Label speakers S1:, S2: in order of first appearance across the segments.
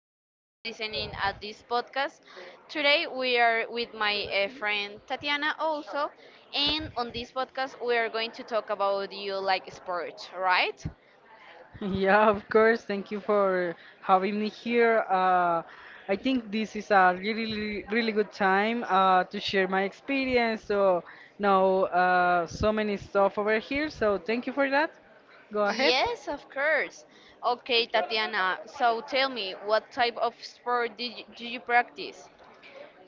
S1: who is listening at this podcast. Today we are with my friend Tatiana also, and on this podcast we are going to talk about you like sports, right?
S2: Yeah, of course. Thank you for having me here. I think this is a really, really good time to share my experience. So, now so many stuff over here. So, thank you for that. Go ahead.
S1: Yes, of course. Okay, Tatiana, so tell me, what type of sport do you practice?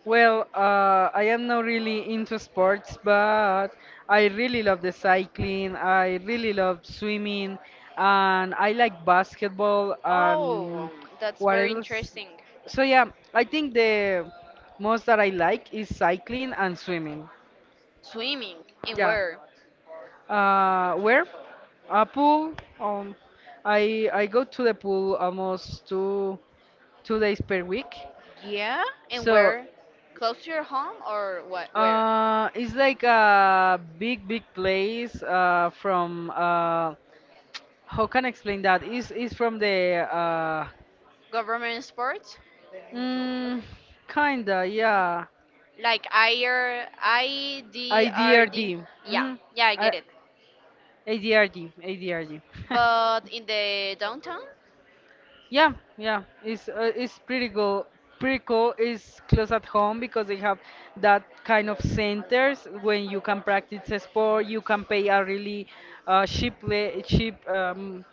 S2: Well, I am not really into sports, but I really love the cycling. I really love swimming, and I like basketball and
S1: Oh, that's
S2: what
S1: very
S2: else?
S1: interesting.
S2: So yeah, I think the most that I like is cycling and swimming.
S1: Swimming, and
S2: Yeah.
S1: where?
S2: Where? A pool. Um, I go to the pool almost two two days per week.
S1: Yeah, and
S2: So
S1: where? Close to your home or what? Where?
S2: It's like a big place from. How can I explain that? It's from the.
S1: Government sports?
S2: Mm, kinda, yeah.
S1: Like IRIDRD?
S2: IDRD.
S1: Yeah,
S2: Mm-hmm.
S1: yeah, I
S2: I,
S1: get it.
S2: ADRD. ADRD.
S1: But in the downtown.
S2: Yeah, yeah, it's pretty cool. Pretty cool. It's close at home because they have that kind of centers when you can practice a sport. You can pay a really cheap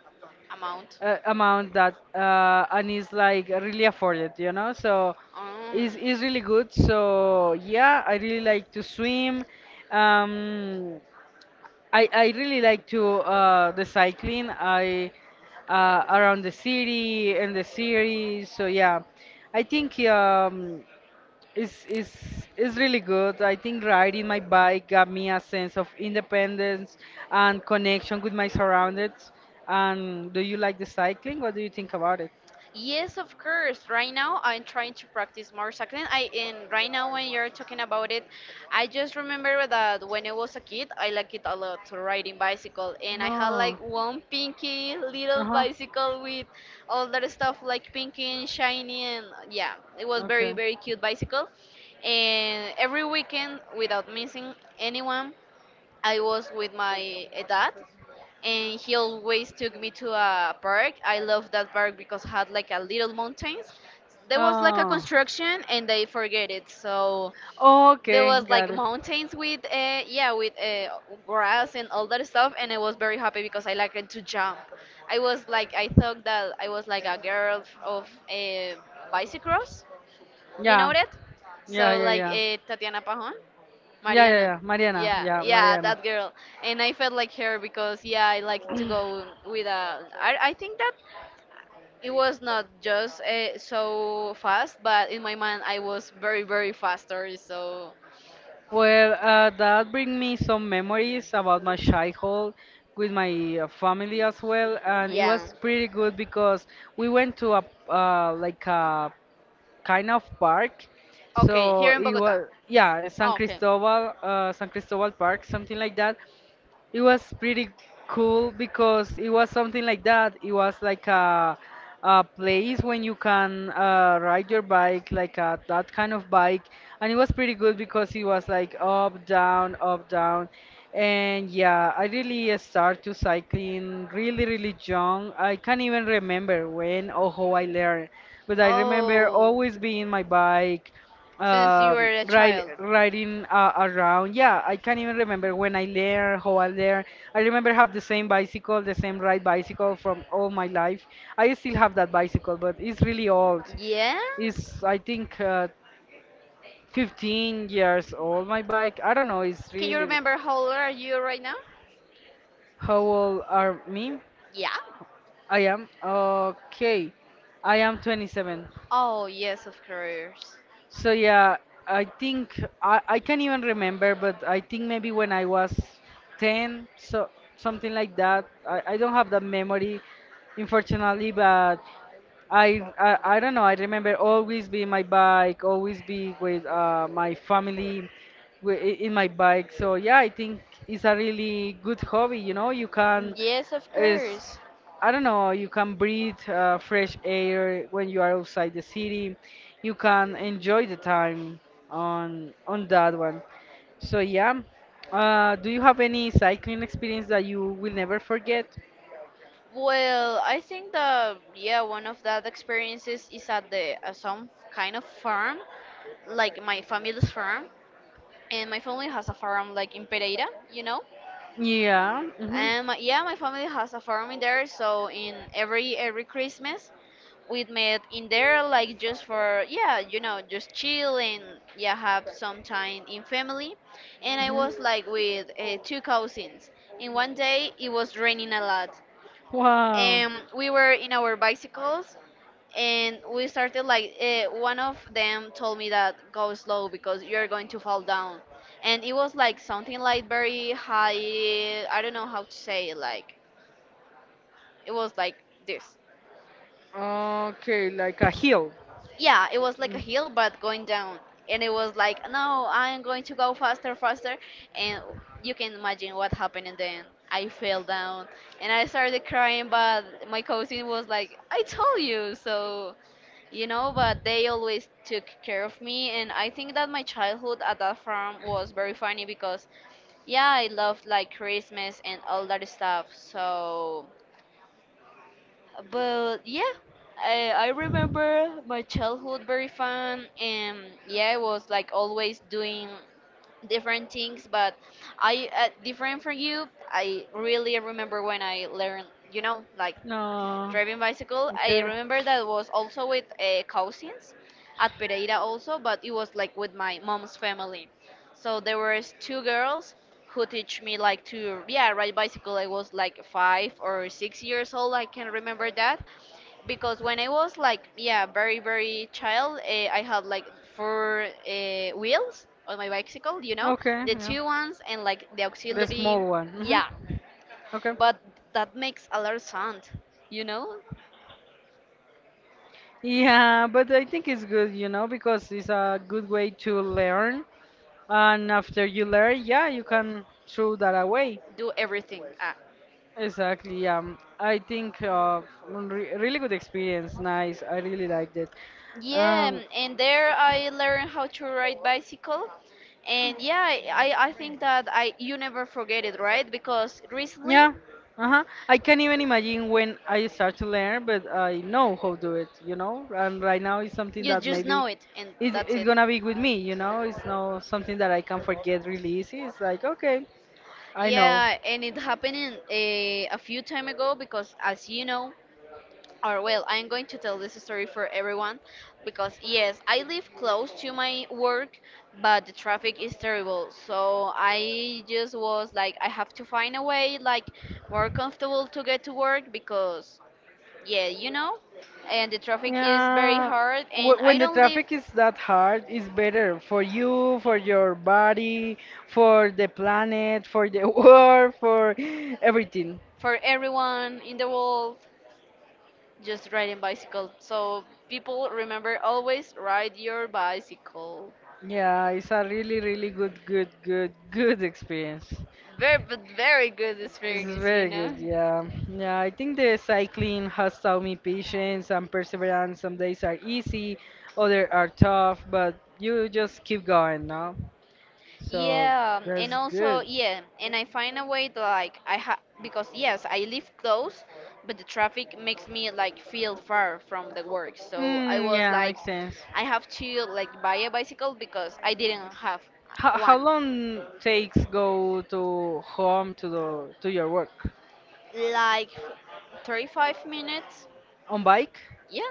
S1: Amount?
S2: amount that and is like really afforded, you know. So
S1: Um.
S2: it's really good. So yeah, I really like to swim. Um, I really like to the cycling. I around the city and the series. So yeah, I think it's really good. I think riding my bike gave me a sense of independence and connection with my surroundings. And do you like the cycling? What do you think about it?
S1: Yes, of course. Right now, I'm trying to practice more cycling. I and right now, when you're talking about it, I just remember that when I was a kid, I liked it a lot to riding bicycle, and I had
S2: No.
S1: like one pinky little
S2: Uh-huh.
S1: bicycle with all that stuff like pinky and shiny, and yeah, it was
S2: Okay.
S1: very very cute bicycle. And every weekend, without missing anyone, I was with my dad, and he always took me to a park. I love that park because it had like a little mountains. There was like a
S2: Oh,
S1: construction, and they forget it. So there
S2: okay,
S1: was
S2: got
S1: like
S2: it.
S1: mountains with grass and all that stuff, and I was very happy because I liked to jump. I was like, I thought that I was like a girl of bicycross, you know
S2: Yeah,
S1: that?
S2: yeah,
S1: So
S2: yeah,
S1: like
S2: yeah.
S1: Tatiana Pajon,
S2: Yeah, yeah,
S1: Mariana.
S2: yeah. Mariana,
S1: Yeah,
S2: yeah,
S1: yeah,
S2: Mariana.
S1: that girl. And I felt like her because, yeah, I like to go with a. I think that it was not just so fast, but in my mind I was very very faster. So
S2: Well, that brings me some memories about my childhood with my family as well, and it
S1: yeah.
S2: was pretty good because we went to a like a kind of park.
S1: Okay,
S2: So
S1: here in
S2: it
S1: Bogota.
S2: was yeah, San
S1: Oh, okay.
S2: Cristobal, San Cristobal Park, something like that. It was pretty cool because it was something like that. It was like a place when you can ride your bike, like a, that kind of bike, and it was pretty good because it was like up, down, and yeah, I really started to cycling really young. I can't even remember when or how I learned, but I remember
S1: Oh,
S2: always being my bike
S1: since you were a
S2: ride,
S1: child.
S2: riding around. Yeah, I can't even remember when I learned, how I learned. I remember have the same bicycle, the same ride bicycle from all my life. I still have that bicycle, but it's really old.
S1: Yeah?
S2: It's I think 15 years old. My bike. I don't know. It's
S1: Can you
S2: really
S1: remember how old are you right now?
S2: how old are me?
S1: Yeah.
S2: I am okay. I am 27.
S1: Oh, yes, of course.
S2: So yeah, I think I can't even remember, but I think maybe when I was 10, so something like that. I don't have that memory, unfortunately, but I don't know. I remember always be in my bike, always be with my family in my bike. So yeah, I think it's a really good hobby. You know, you can
S1: Yes, of
S2: is
S1: course.
S2: I don't know. You can breathe fresh air when you are outside the city. You can enjoy the time on that one. So yeah, do you have any cycling experience that you will never forget?
S1: Well, I think that, yeah, one of that experiences is at the some kind of farm, like my family's farm, and my family has a farm like in Pereira, you know.
S2: Yeah. Hmm.
S1: And yeah, my family has a farm in there, so in every Christmas we met in there like just for, yeah, just chill and, yeah, have some time in family. And I
S2: Hmm.
S1: was like with two cousins, and one day it was raining a lot,
S2: Wow.
S1: and we were in our bicycles. And we started like, one of them told me that go slow because you're going to fall down, and it was like something like very high. I don't know how to say it, like it was like this.
S2: Okay, like a hill.
S1: Yeah, it was like a hill but going down. And it was like, no, I'm going to go faster, faster. And you can imagine what happened. And then I fell down and I started crying. But my cousin was like, I told you. So, but they always took care of me. And I think that my childhood at that farm was very funny because, yeah, I loved like Christmas and all that stuff. So, but yeah, I remember my childhood very fun, and yeah, I was like always doing different things. But I, different from you, I really remember when I learned, like
S2: No.
S1: driving bicycle. I
S2: Okay.
S1: remember that was also with cousins at Pereira also, but it was like with my mom's family. So there was two girls who teach me like to, yeah, ride bicycle. I was like 5 or 6 years old. I can remember that, because when I was like, yeah, very very child, I had like four wheels on my bicycle,
S2: Okay,
S1: the
S2: yeah.
S1: two ones and like the
S2: The
S1: auxiliary,
S2: small one.
S1: yeah,
S2: Hmm. Okay.
S1: but that makes a lot of sound you know
S2: Yeah, but I think it's good, you know, because it's a good way to learn. And after you learn, yeah, you can throw that away.
S1: do everything, ah.
S2: Exactly. Yeah. I think re really good experience. Nice. I really liked it.
S1: Yeah,
S2: Um,
S1: and there I learned how to ride bicycle, and yeah, I think that I you never forget it, right? Because recently
S2: Yeah, uh-huh. I can't even imagine when I start to learn, but I know how to do it, you know? And right now it's something
S1: you
S2: that
S1: just
S2: maybe
S1: know it and
S2: it,
S1: that's
S2: it's
S1: it.
S2: gonna be with me, you know? It's not something that I can forget really easy. It's like, okay, I know.
S1: Yeah, and it happened in, a few time ago because, as you know, or well, I'm going to tell this story for everyone, because yes, I live close to my work, but the traffic is terrible. So I just was like, I have to find a way like more comfortable to get to work, because yeah, and the traffic is very
S2: Uh,
S1: hard, and
S2: when
S1: I
S2: the
S1: don't live
S2: traffic is that hard, it's better for you, for your body, for the planet, for the world, for everything.
S1: for everyone in the world. Just riding bicycle. So, people, remember always ride your bicycle.
S2: Yeah, it's a really good experience.
S1: Very but very good
S2: It's
S1: experience, you
S2: very good,
S1: know.
S2: yeah. Yeah, I think the cycling has taught me patience and perseverance. Some days are easy, others are tough, but you just keep going, no? So
S1: Yeah, and
S2: that's
S1: also,
S2: good.
S1: yeah, and I find a way to like I ha because yes, I live close, but the traffic makes me like feel far from the work. So I
S2: Mm,
S1: was
S2: yeah,
S1: like,
S2: makes sense.
S1: I have to like buy a bicycle because I didn't have
S2: How
S1: one.
S2: long takes go to home to the to your work?
S1: Like 35 minutes.
S2: On bike
S1: Yeah.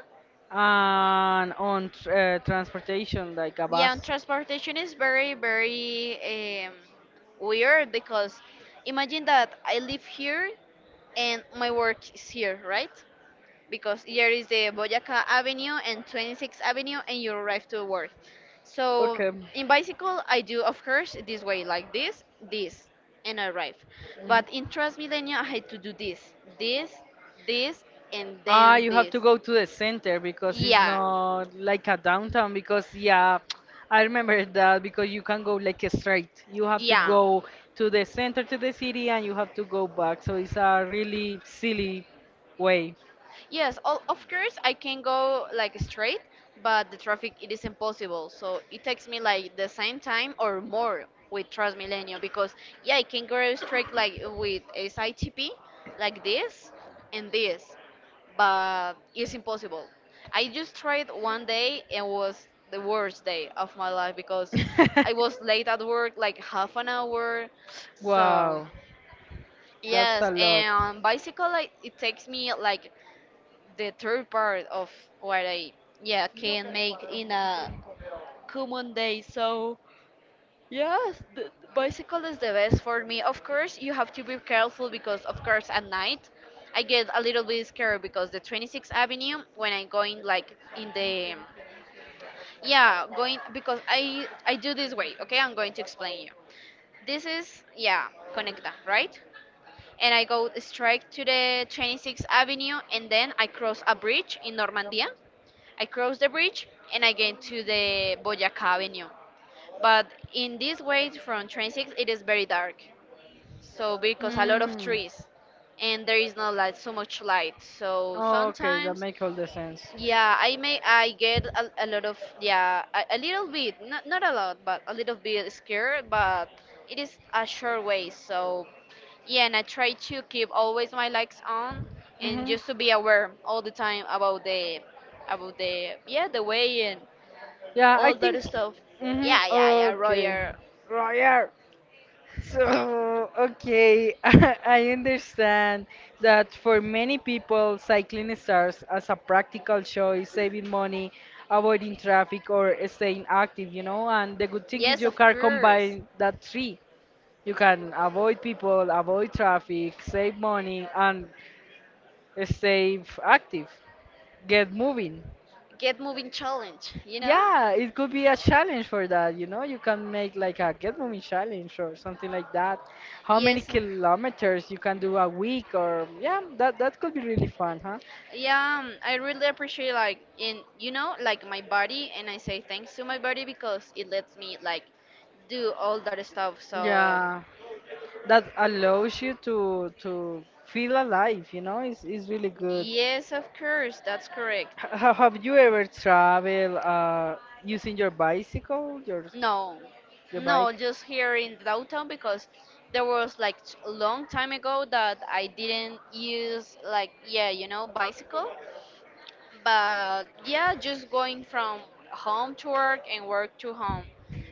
S2: and on tr transportation like a
S1: Yeah, and
S2: bus.
S1: transportation is very, very um, weird because, imagine that I live here and my work is here, right? Because here is the Boyaca Avenue and 26th Avenue, and you arrive to work. So
S2: Okay.
S1: in bicycle, I do, of course, this way, like this, and I arrive.
S2: Mhm.
S1: But in Transmilenio, I had to do this, this, this, and
S2: Ah,
S1: then
S2: you have
S1: this.
S2: to go to the center because it's Yeah.
S1: Yeah,
S2: not like a downtown. Because yeah, I remember that because you can go like straight. You have to Yeah.
S1: yeah.
S2: go to the center to the city and you have to go back. So it's a really silly way.
S1: Yes, all, of course I can go like straight, but the traffic, it is impossible. So it takes me like the same time or more with Transmilenio, because yeah, I can go straight like with SITP like this and this, but it's impossible. I just tried one day and was the worst day of my life, because I was late at work like half an hour. So
S2: Wow, that's
S1: yes,
S2: a lot.
S1: and bicycle like it takes me like the third part of what I, yeah, can make in a common day. So yes, the bicycle is the best for me. Of course, you have to be careful, because of course at night I get a little bit scared, because the 26th Avenue when I'm going like in the, yeah, going, because I do this way. Okay, I'm going to explain you. This is, yeah, Conecta, right. And I go straight to the 26th Avenue, and then I cross a bridge in Normandia, I cross the bridge and I get to the Boyaca Avenue. But in this way from train 6 it is very dark. So, because a lot of
S2: Mm.
S1: trees and there is not like so much light. So
S2: Okay, that
S1: sometimes,
S2: make all the sense.
S1: yeah, I get a lot of, yeah, a little bit, not a lot but a little bit scared, but it is a short way. So yeah, and I try to keep always my legs on and
S2: Hmm.
S1: just to be aware all the time about the about the way and
S2: Yeah, I
S1: all
S2: think.
S1: that stuff.
S2: Hmm.
S1: Yeah, yeah, yeah.
S2: Okay.
S1: Roger.
S2: Roger. So, okay, I understand that for many people, cycling starts as a practical choice, saving money, avoiding traffic, or staying active, you know. And the good thing is
S1: Yes,
S2: you
S1: of
S2: can
S1: course.
S2: combine that three. You can avoid people, avoid traffic, save money, and stay active, get moving.
S1: Get moving challenge, you know?
S2: Yeah,
S1: Yeah.
S2: it could be a challenge for that, you know? You can make like a get moving challenge or something like that. How many
S1: Yes. You can kilometers,
S2: kilometers
S1: you
S2: you
S1: can
S2: can
S1: do
S2: do
S1: a
S2: a
S1: week,
S2: week
S1: or.
S2: or yeah, that that could be really fun, huh?
S1: Yeah, I really appreciate like in you know like my body, and I say thanks to my body because it lets me like do all that stuff. So. Yeah.
S2: Yeah. That allows you to feel alive, you know? It's really good.
S1: Yes, of course, that's correct.
S2: Have you ever traveled using your bicycle,
S1: No,
S2: your
S1: no,
S2: bike?
S1: just here in downtown because there was like a long time ago that I didn't use like, yeah, bicycle. But yeah, just going from home to work and work to home.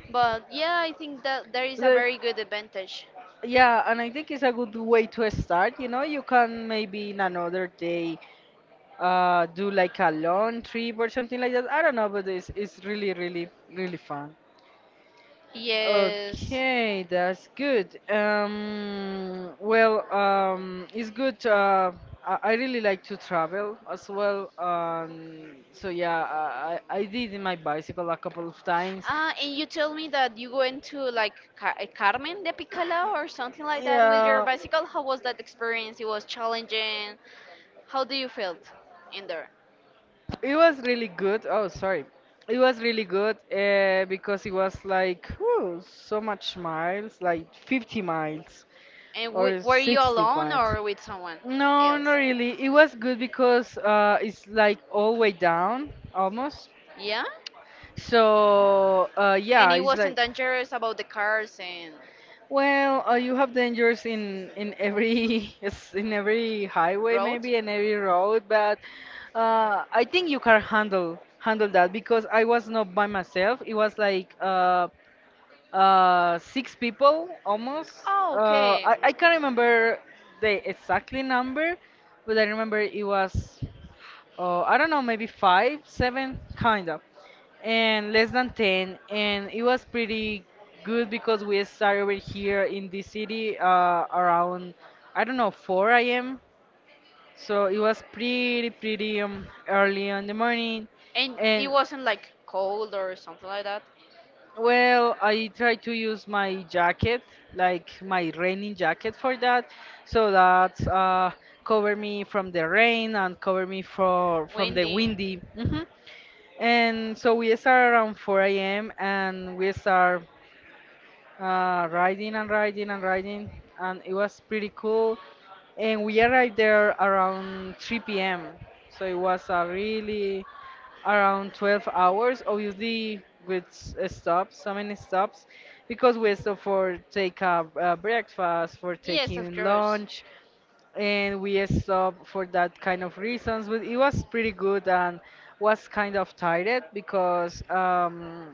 S1: But yeah, I think that there is a very good advantage.
S2: Yeah, and I think it's a good way to start. You know, you can maybe in another day do like a long trip or something like that. I don't know, but it's really, really, really fun.
S1: Yes. Okay,
S2: Okay,
S1: that's
S2: that's
S1: good. Good.
S2: good. Well,
S1: Well, well. It's
S2: it's
S1: good.
S2: good. I
S1: I
S2: really
S1: really like
S2: like
S1: to
S2: to
S1: travel
S2: travel
S1: as
S2: as
S1: well.
S2: well.
S1: Um, So
S2: So
S1: yeah,
S2: yeah, I, I
S1: I
S2: I
S1: did
S2: did in
S1: in
S2: my
S1: my bicycle,
S2: bicycle a
S1: a couple
S2: couple of
S1: of
S2: times.
S1: times. Ah, and you told me that you went to like Carmen de Picala or something like that with your
S2: Yeah,
S1: bicycle. How was that experience? It was challenging. How do you felt in there?
S2: it was really good. Oh, sorry. It was really good because it was like whew, so much miles, like 50 miles
S1: And w
S2: or
S1: were you
S2: 60
S1: alone
S2: miles.
S1: or with someone, no,
S2: No, not
S1: else?
S2: really. It was good because it's like all way down almost.
S1: Yeah?
S2: So
S1: And
S2: yeah,
S1: it
S2: it's
S1: wasn't
S2: like
S1: dangerous about the cars and
S2: well, you have dangers in every yes, in every highway
S1: road?
S2: maybe and every road, but I think you can handle that because I was not by myself. It was like six people almost.
S1: Oh,
S2: Uh,
S1: okay.
S2: I I can't remember the exactly number, but I remember it was I don't know, maybe five, seven, kind of, and less than 10. And it was pretty good because we started over here in the city around, I don't know, 4 a.m. So it was pretty early in the morning.
S1: And it
S2: And
S1: wasn't like cold or something like that?
S2: well, I tried to use my jacket, like my raining jacket for that, so that cover me from the rain and cover me for from the
S1: Windy.
S2: windy. Hmm. And so we start around 4 a.m. and we start riding and riding and riding, and it was pretty cool. And we arrived there around 3 p.m. So it was a really around 12 hours, obviously with stops, so many stops, because we stopped for take a, breakfast, for
S1: Yes, of
S2: taking
S1: course. Lunch.
S2: lunch, and we stopped for that kind of reasons, but it was pretty good and was kind of tired because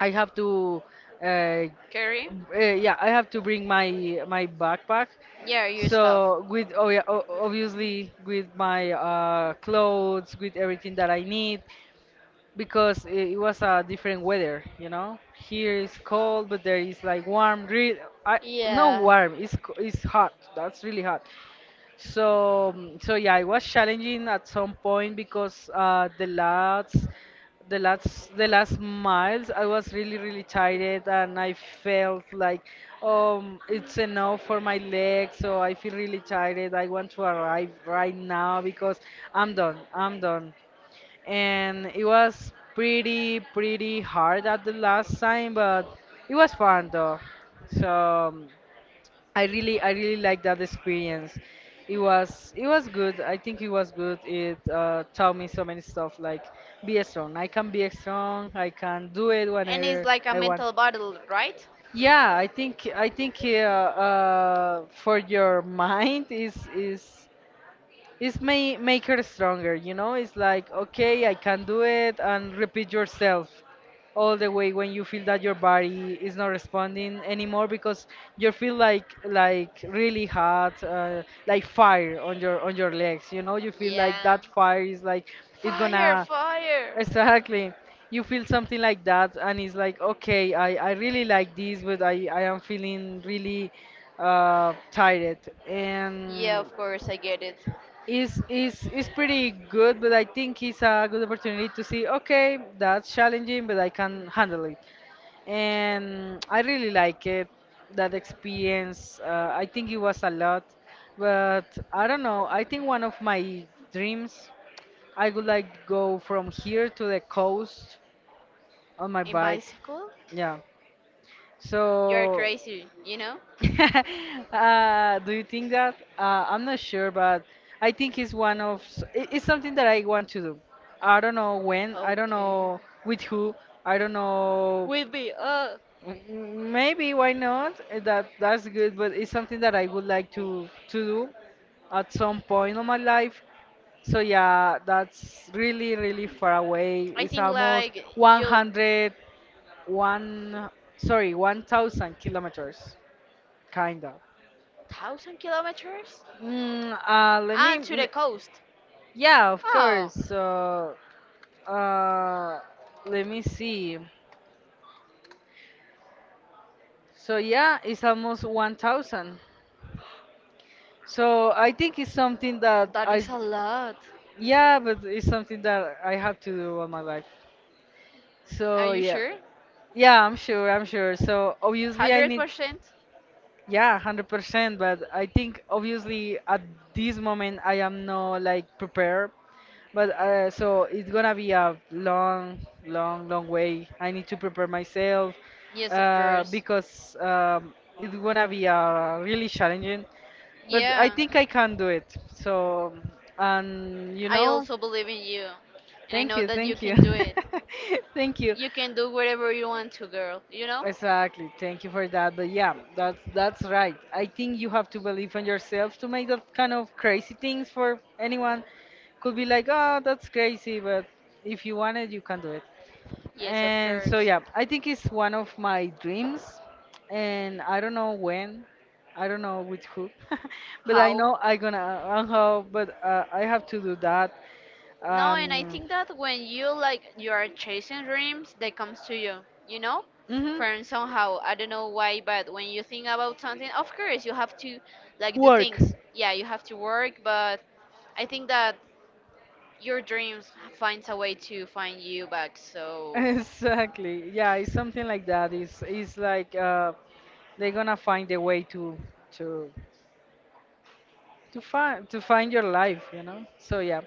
S2: I have to uh,
S1: Carrie?
S2: yeah I have to bring my my backpack
S1: Yeah, your. So, stuff.
S2: so with oh yeah obviously with my clothes with everything that I need because it was a different weather you know here is cold but there is like I, not
S1: Yeah.
S2: warm
S1: it
S2: it's hot that's really hot so, mm, so yeah, it was challenging at some point because the last miles, I was really tired, and I felt like, it's enough for my legs. So I feel really tired. I want to arrive right now because I'm done. I'm done. And it was pretty, pretty hard at the last time, but it was fun though. So. um, I really like that experience.
S1: was it
S2: It was good. I think it was good. It taught me so many stuff like be strong. I can be strong. I can do it
S1: And it's
S2: whenever
S1: like a
S2: I want.
S1: mental battle, right?
S2: Yeah, I think for your mind is it's may make her stronger you know it's like okay I can do it and repeat yourself all the way when you feel that your body is not responding anymore because you feel like really hot like fire on your legs you know you feel like
S1: Yeah.
S2: that fire is like it's
S1: Fire,
S2: gonna
S1: fire.
S2: Exactly. You feel something like that, and it's like, okay, I really like this, but I am feeling really tired.
S1: Yeah,
S2: And
S1: of course, I get it.
S2: is is is pretty good, but I think it's a good opportunity to see. Okay, that's challenging, but I can handle it, and I really like it. That experience, I think it was a lot, but I don't know. I think one of my dreams, I would like to go from here to the coast on my
S1: In
S2: bike.
S1: bicycle?
S2: Yeah.
S1: You're
S2: So
S1: crazy, you know?
S2: do you think that? I'm not sure, but I think it's one of s- I- it's something that I want to do. I don't know when, I don't
S1: Okay.
S2: know with who, I don't know.
S1: Will be?
S2: Maybe why not? That's good, but it's something that I would like to do at some point of my life. So yeah, that's really really far away.
S1: I
S2: It's
S1: think
S2: almost
S1: like you'll
S2: 100 one sorry 1,000 kilometers, kinda.
S1: thousand kilometers
S2: Mm, uh, let me.
S1: and to the
S2: l-
S1: coast.
S2: Yeah, of
S1: Oh,
S2: course. So, uh, let me see. So yeah, it's almost 1,000. So I think it's something that
S1: that is a lot.
S2: yeah, but it's something that I have to do all my life.
S1: Are
S2: So
S1: you
S2: yeah,
S1: sure?
S2: yeah, I'm sure, I'm sure. So obviously I
S1: Hundred
S2: need
S1: percent?
S2: yeah, 100%. But I think obviously at this moment I am not like prepared. But so it's gonna be a long, long, long way. I need to prepare myself
S1: Yes, of course.
S2: because it's gonna be really challenging. But I
S1: Yeah.
S2: think I can do it. So, and you
S1: I
S2: know,
S1: also believe in you, and I know that you
S2: thank you,
S1: can do it.
S2: thank you.
S1: You can do whatever you want to, girl, you know?
S2: Exactly. Thank you for that. But yeah, that's right. I think you have to believe in yourself to make that kind of crazy things for anyone. Could be like, oh, that's crazy, but if you want it, you can do it.
S1: Yes, of
S2: And so
S1: course.
S2: yeah, I think it's one of my dreams, and I don't know when, I don't know with who, but I
S1: How?
S2: know I gonna how, but I have to do that.
S1: No, and I
S2: And
S1: think that when you like you are chasing dreams, they comes to you. You know,
S2: hmm.
S1: from somehow I don't know why, but when you think about something, of course you have to like do
S2: Work.
S1: things. Yeah, you have to work, but I think that your dreams finds a way to find you back. So
S2: Exactly. Yeah, it's something like that. It's like they're gonna find a way to to find your life, you know. So yeah,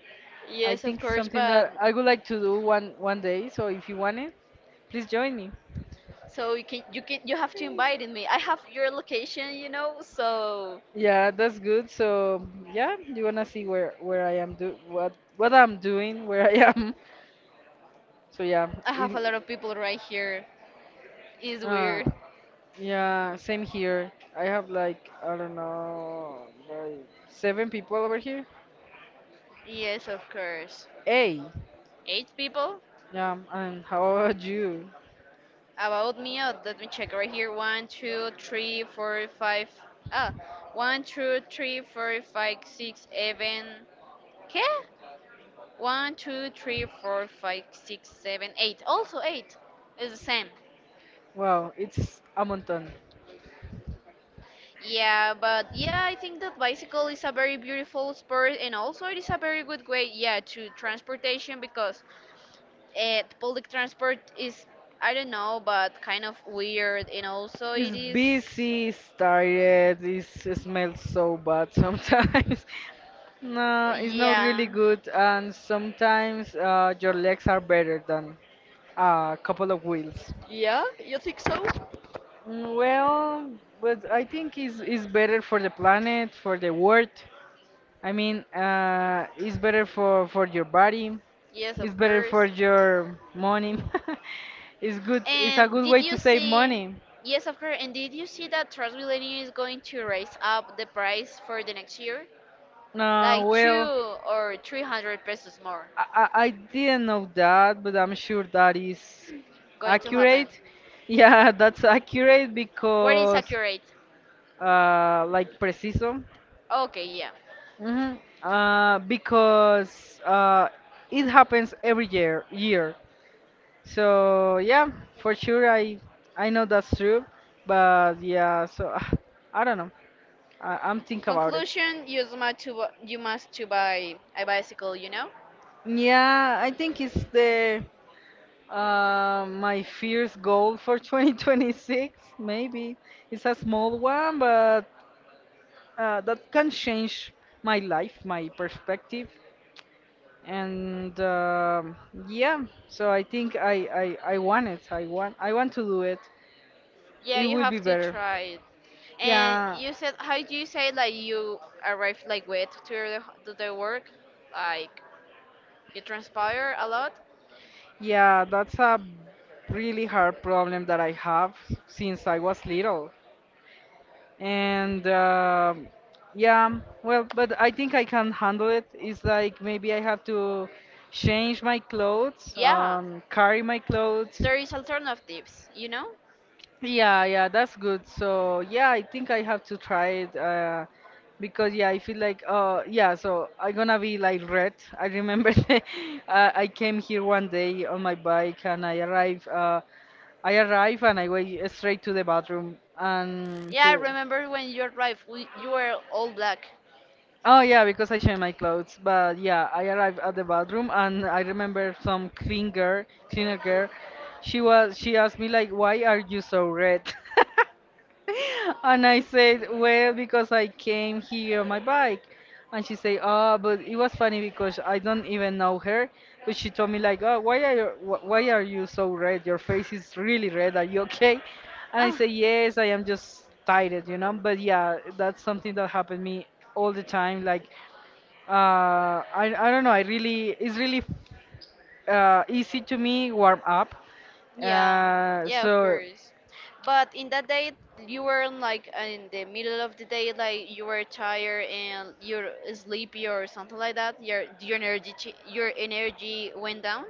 S2: I
S1: yes, of
S2: think it's
S1: course,
S2: something
S1: but
S2: that I would like to do one day. So if you want it, please join me.
S1: so you have to invite me. I have your location, you know, so
S2: Yeah, that's good. So yeah, you wanna see where I am, do what I'm doing, where I am. So yeah,
S1: I have a lot
S2: it,
S1: of people right here. It's
S2: uh,
S1: weird.
S2: yeah, same here. I have like I don't know, like seven people over here.
S1: Yes, of course.
S2: Hey,
S1: Eight people?
S2: yeah, and how about you?
S1: About me, oh, let me check right here. One, two, three, four, five. Ah, one, two, three, four, five, six, seven. ¿Qué? One, two, three, four, five, six, seven, eight. Also eight. It's the same.
S2: Wow, it's a mountain.
S1: Yeah, I think that bicycle is a very beautiful sport and also it is a very good way, yeah, to transportation because public transport is, I don't know, but kind of weird, and also it
S2: It's
S1: is,
S2: busy, it's tired, it's, it smells so bad sometimes. No, it's not
S1: yeah.
S2: really good, and sometimes your legs are better than a couple of wheels.
S1: Yeah, you think so?
S2: Mm. Well, but I think it's better for the planet, for the world, I mean, it's better for your body.
S1: Yes,
S2: It's
S1: of
S2: better
S1: course.
S2: for your money. It's good. It's a
S1: And
S2: good
S1: did
S2: way to
S1: you
S2: save
S1: see?
S2: money.
S1: Yes, of course. And did you see that TransMilenio is going to raise up the price for the next year, like two
S2: Well,
S1: or three hundred pesos more,
S2: I didn't know that, but I'm sure that is
S1: going to happen?
S2: accurate. Yeah, that's accurate
S1: What is
S2: because,
S1: accurate?
S2: like preciso.
S1: Okay, yeah.
S2: Hmm. Because it happens every year. Year. So yeah, for sure I know that's true, but yeah, so I don't know. I'm thinking about it.
S1: Conclusion: You must to you must to buy a bicycle, you know.
S2: Yeah, I think it's the my first goal for 2026. Maybe it's a small one, but that can change my life, my perspective, and um, yeah. So I think I want it. I want to do it.
S1: Yeah,
S2: It
S1: you
S2: will be
S1: have to
S2: better.
S1: try it. And
S2: Yeah,
S1: you said, how do you say like you arrived like wet to the work? Like you transpire a lot?
S2: yeah, that's a really hard problem that I have since I was little. And um, yeah, well, but I think I can handle it. It's like maybe I have to change my clothes,
S1: Yeah.
S2: carry my clothes.
S1: There is alternatives, you know?
S2: Yeah, yeah, that's good. So yeah, I think I have to try it because yeah, I feel like uh, yeah, so I'm gonna be like red. I remember I came here one day on my bike and I arrived and I went straight to the bathroom and
S1: Yeah, I
S2: to
S1: remember when you arrived, you were all black.
S2: oh yeah, because I changed my clothes. But yeah, I arrived at the bathroom and I remember some clean girl, cleaner girl. She asked me like, "Why are you so red?" And I said, well, because I came here on my bike. And she said, oh, but it was funny because I don't even know her. But she told me like, oh, why are you, why are you so red? Your face is really red. Are you okay? And I said, yes, I am just tired, you know. But yeah, that's something that happened me all the time. Like, uh, I don't know. I really, it's really easy to me warm up.
S1: Yeah, yeah, of
S2: So
S1: course. But in that day, you were like in the middle of the day, like you were tired and you're sleepy or something like that. Your your energy went down.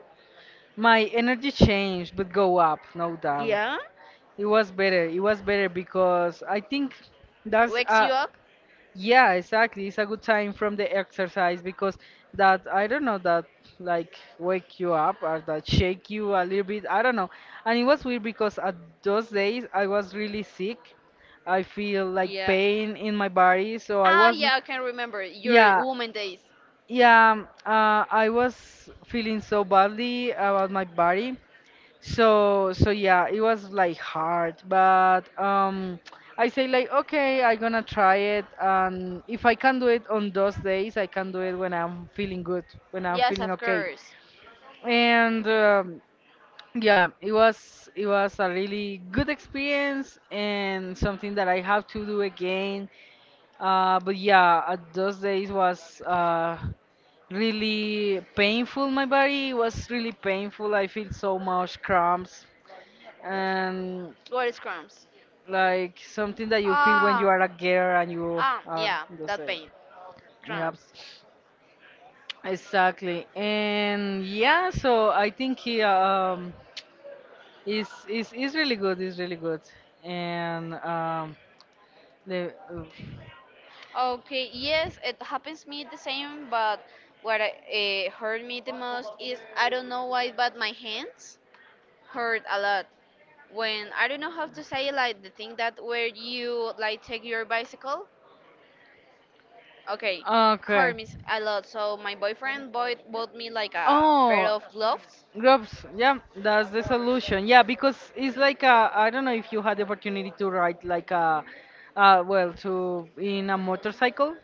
S2: my energy changed, but go up, no doubt.
S1: Yeah.
S2: It was better. It was better because I think that's
S1: Wakes you
S2: uh,
S1: up.
S2: yeah, exactly. It's a good time from the exercise because that I don't know that like wake you up or that shake you a little bit. I don't know. And it was weird because at those days I was really sick. I feel like
S1: Yeah.
S2: pain in my body, so I
S1: Ah,
S2: was
S1: yeah, I can remember your
S2: yeah,
S1: woman days.
S2: yeah, I was feeling so badly about my body so yeah, it was like hard, but um, I say like okay, I'm gonna try it and if I can do it on those days, I can do it when I'm feeling good, when I'm
S1: Yes,
S2: feeling
S1: of
S2: okay.
S1: course.
S2: And yeah, it was a really good experience and something that I have to do again. But yeah, those days was really painful. My body was really painful. I feel so much cramps and
S1: What is cramps?
S2: like something that you feel when you
S1: Ah,
S2: are a girl and you
S1: ah,
S2: are
S1: yeah,
S2: the
S1: that
S2: same.
S1: pain,
S2: Yeah,
S1: cramps.
S2: exactly. And yeah, so I think he um, is really good. Is really good. And um, the
S1: Okay, yes, it happens me the same, but what hurt me the most is I don't know why, but my hands hurt a lot. When I don't know how to say like the thing that where you like take your bicycle, okay,
S2: okay.
S1: hurt me a lot. So my boyfriend bought me like a pair
S2: Oh,
S1: of gloves.
S2: groups, yeah, that's the solution. Yeah, because it's like a, I don't know if you had the opportunity to ride like a, to in a motorcycle.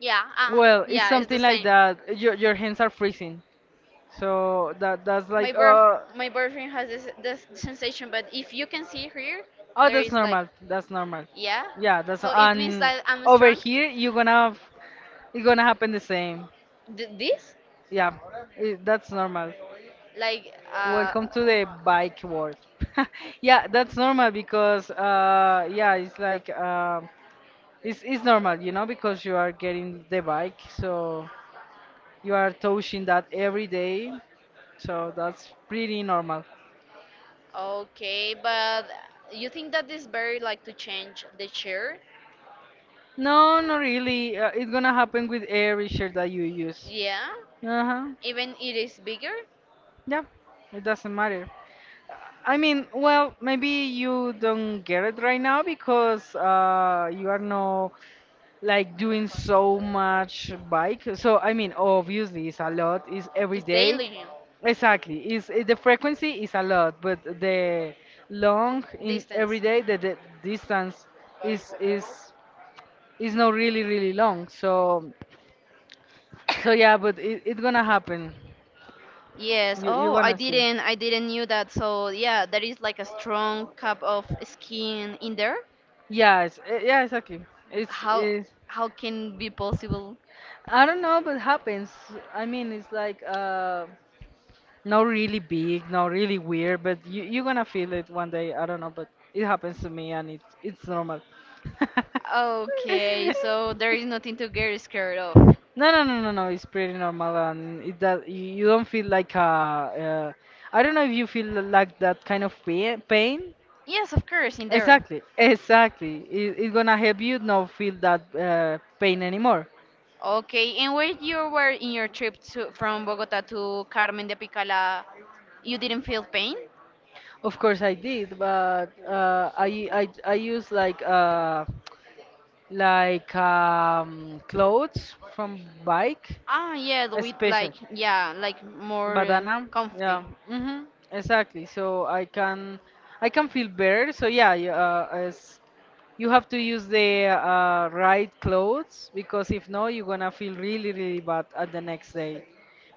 S1: Yeah,
S2: Well, it's
S1: yeah, it's the
S2: something like
S1: same.
S2: that. Your hands are freezing, so that's
S1: My
S2: like
S1: birth,
S2: uh.
S1: my boyfriend has this sensation, but if you can see here,
S2: Oh,
S1: there
S2: that's
S1: is like,
S2: normal. That's normal.
S1: yeah.
S2: Yeah, that's,
S1: So it means
S2: and
S1: that I'm
S2: over
S1: strong.
S2: here you're gonna have, it's gonna happen the same.
S1: Th- this,
S2: Yeah, it, that's normal.
S1: like, uh,
S2: Welcome to the bike world. Yeah, that's normal because yeah, it's like um, it's normal, you know, because you are getting the bike, so you are touching that every day, so that's pretty normal.
S1: okay, but you think that is very like to change the chair?
S2: No, not really. It's gonna happen with every shirt that you use.
S1: Yeah,
S2: Uh huh.
S1: even it is bigger.
S2: Yeah, it doesn't matter. I mean, well, maybe you don't get it right now because you are no like doing so much bike. So I mean, obviously it's a lot. It's every
S1: It's
S2: day.
S1: daily.
S2: Exactly. The frequency is a lot, but the long in every day the distance is is is not really really long. So so yeah, but it's gonna happen.
S1: Yes.
S2: You you're gonna see.
S1: I didn't knew that. So yeah, there is like a strong cup of skin in there.
S2: Yeah, it's, eh, yeah, exactly.
S1: How
S2: It's
S1: how can be possible?
S2: I don't know, but happens. I mean, it's like not really big, not really weird, but you you're gonna feel it one day. I don't know, but it happens to me and it's normal.
S1: Okay, so there is nothing to get scared of.
S2: No, no, no, no, no. It's pretty normal, and it that you don't feel like a. I don't know if you feel like that kind of pain. Pain.
S1: Yes, of course, in there.
S2: Exactly, exactly. It's gonna help you not feel that pain anymore.
S1: Okay, and when you were in your trip to from Bogota to Carmen de Picala, you didn't feel pain?
S2: Of course, I did, but I use like clothes from bike,
S1: Ah, yeah, the with
S2: especially
S1: like yeah, like more
S2: banana. Yeah,
S1: comfy.
S2: hmm, exactly. So I can feel better. So yeah, as you have to use the right clothes because if no, you're gonna feel really really bad at the next day.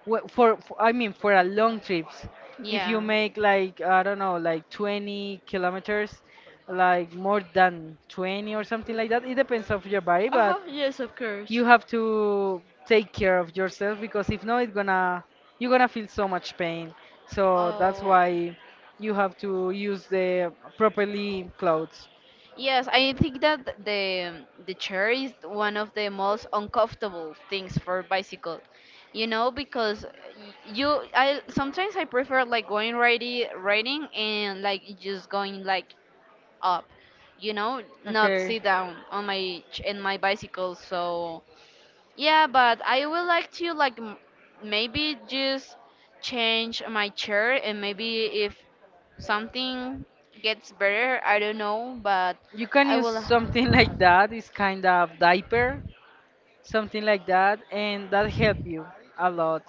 S2: For I mean for a long trips, if you
S1: Yeah.
S2: make like I don't know like 20 kilometers, like more than 20 or something like that, it depends of your body,
S1: Uh-huh,
S2: but
S1: yes, of course.
S2: you have to take care of yourself because if not it's gonna you're gonna feel so much pain so that's
S1: Oh,
S2: why you have to use the properly clothes
S1: yes, I think that the chair is one of the most uncomfortable things for bicycle. You know, because y- you I sometimes I prefer like going riding and like just going like up, you know, not
S2: okay
S1: sit down on my in my bicycle. So yeah, but I would like to like maybe just change my chair and maybe if something gets better, I don't know, but
S2: you can
S1: I
S2: use
S1: will.
S2: something like that it's kind of diaper something like that, and that help you a lot.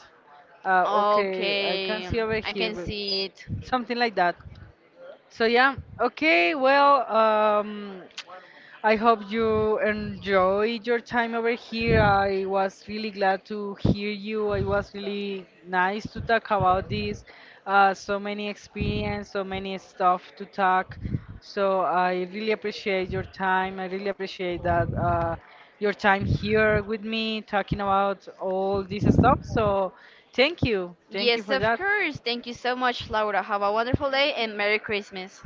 S2: Okay, I can
S1: Okay,
S2: see over
S1: I
S2: here,
S1: can
S2: but
S1: see it.
S2: something like that. So yeah, okay, well, I hope you enjoyed your time over here. I was really glad to hear you. It was really nice to talk about this. So many experience, so many stuff to talk. So I really appreciate your time. I really appreciate that your time here with me talking about all this stuff. So thank you. Thank you
S1: Yes,
S2: for
S1: of
S2: that.
S1: course. Thank you so much, Laura. Have a wonderful day and Merry Christmas.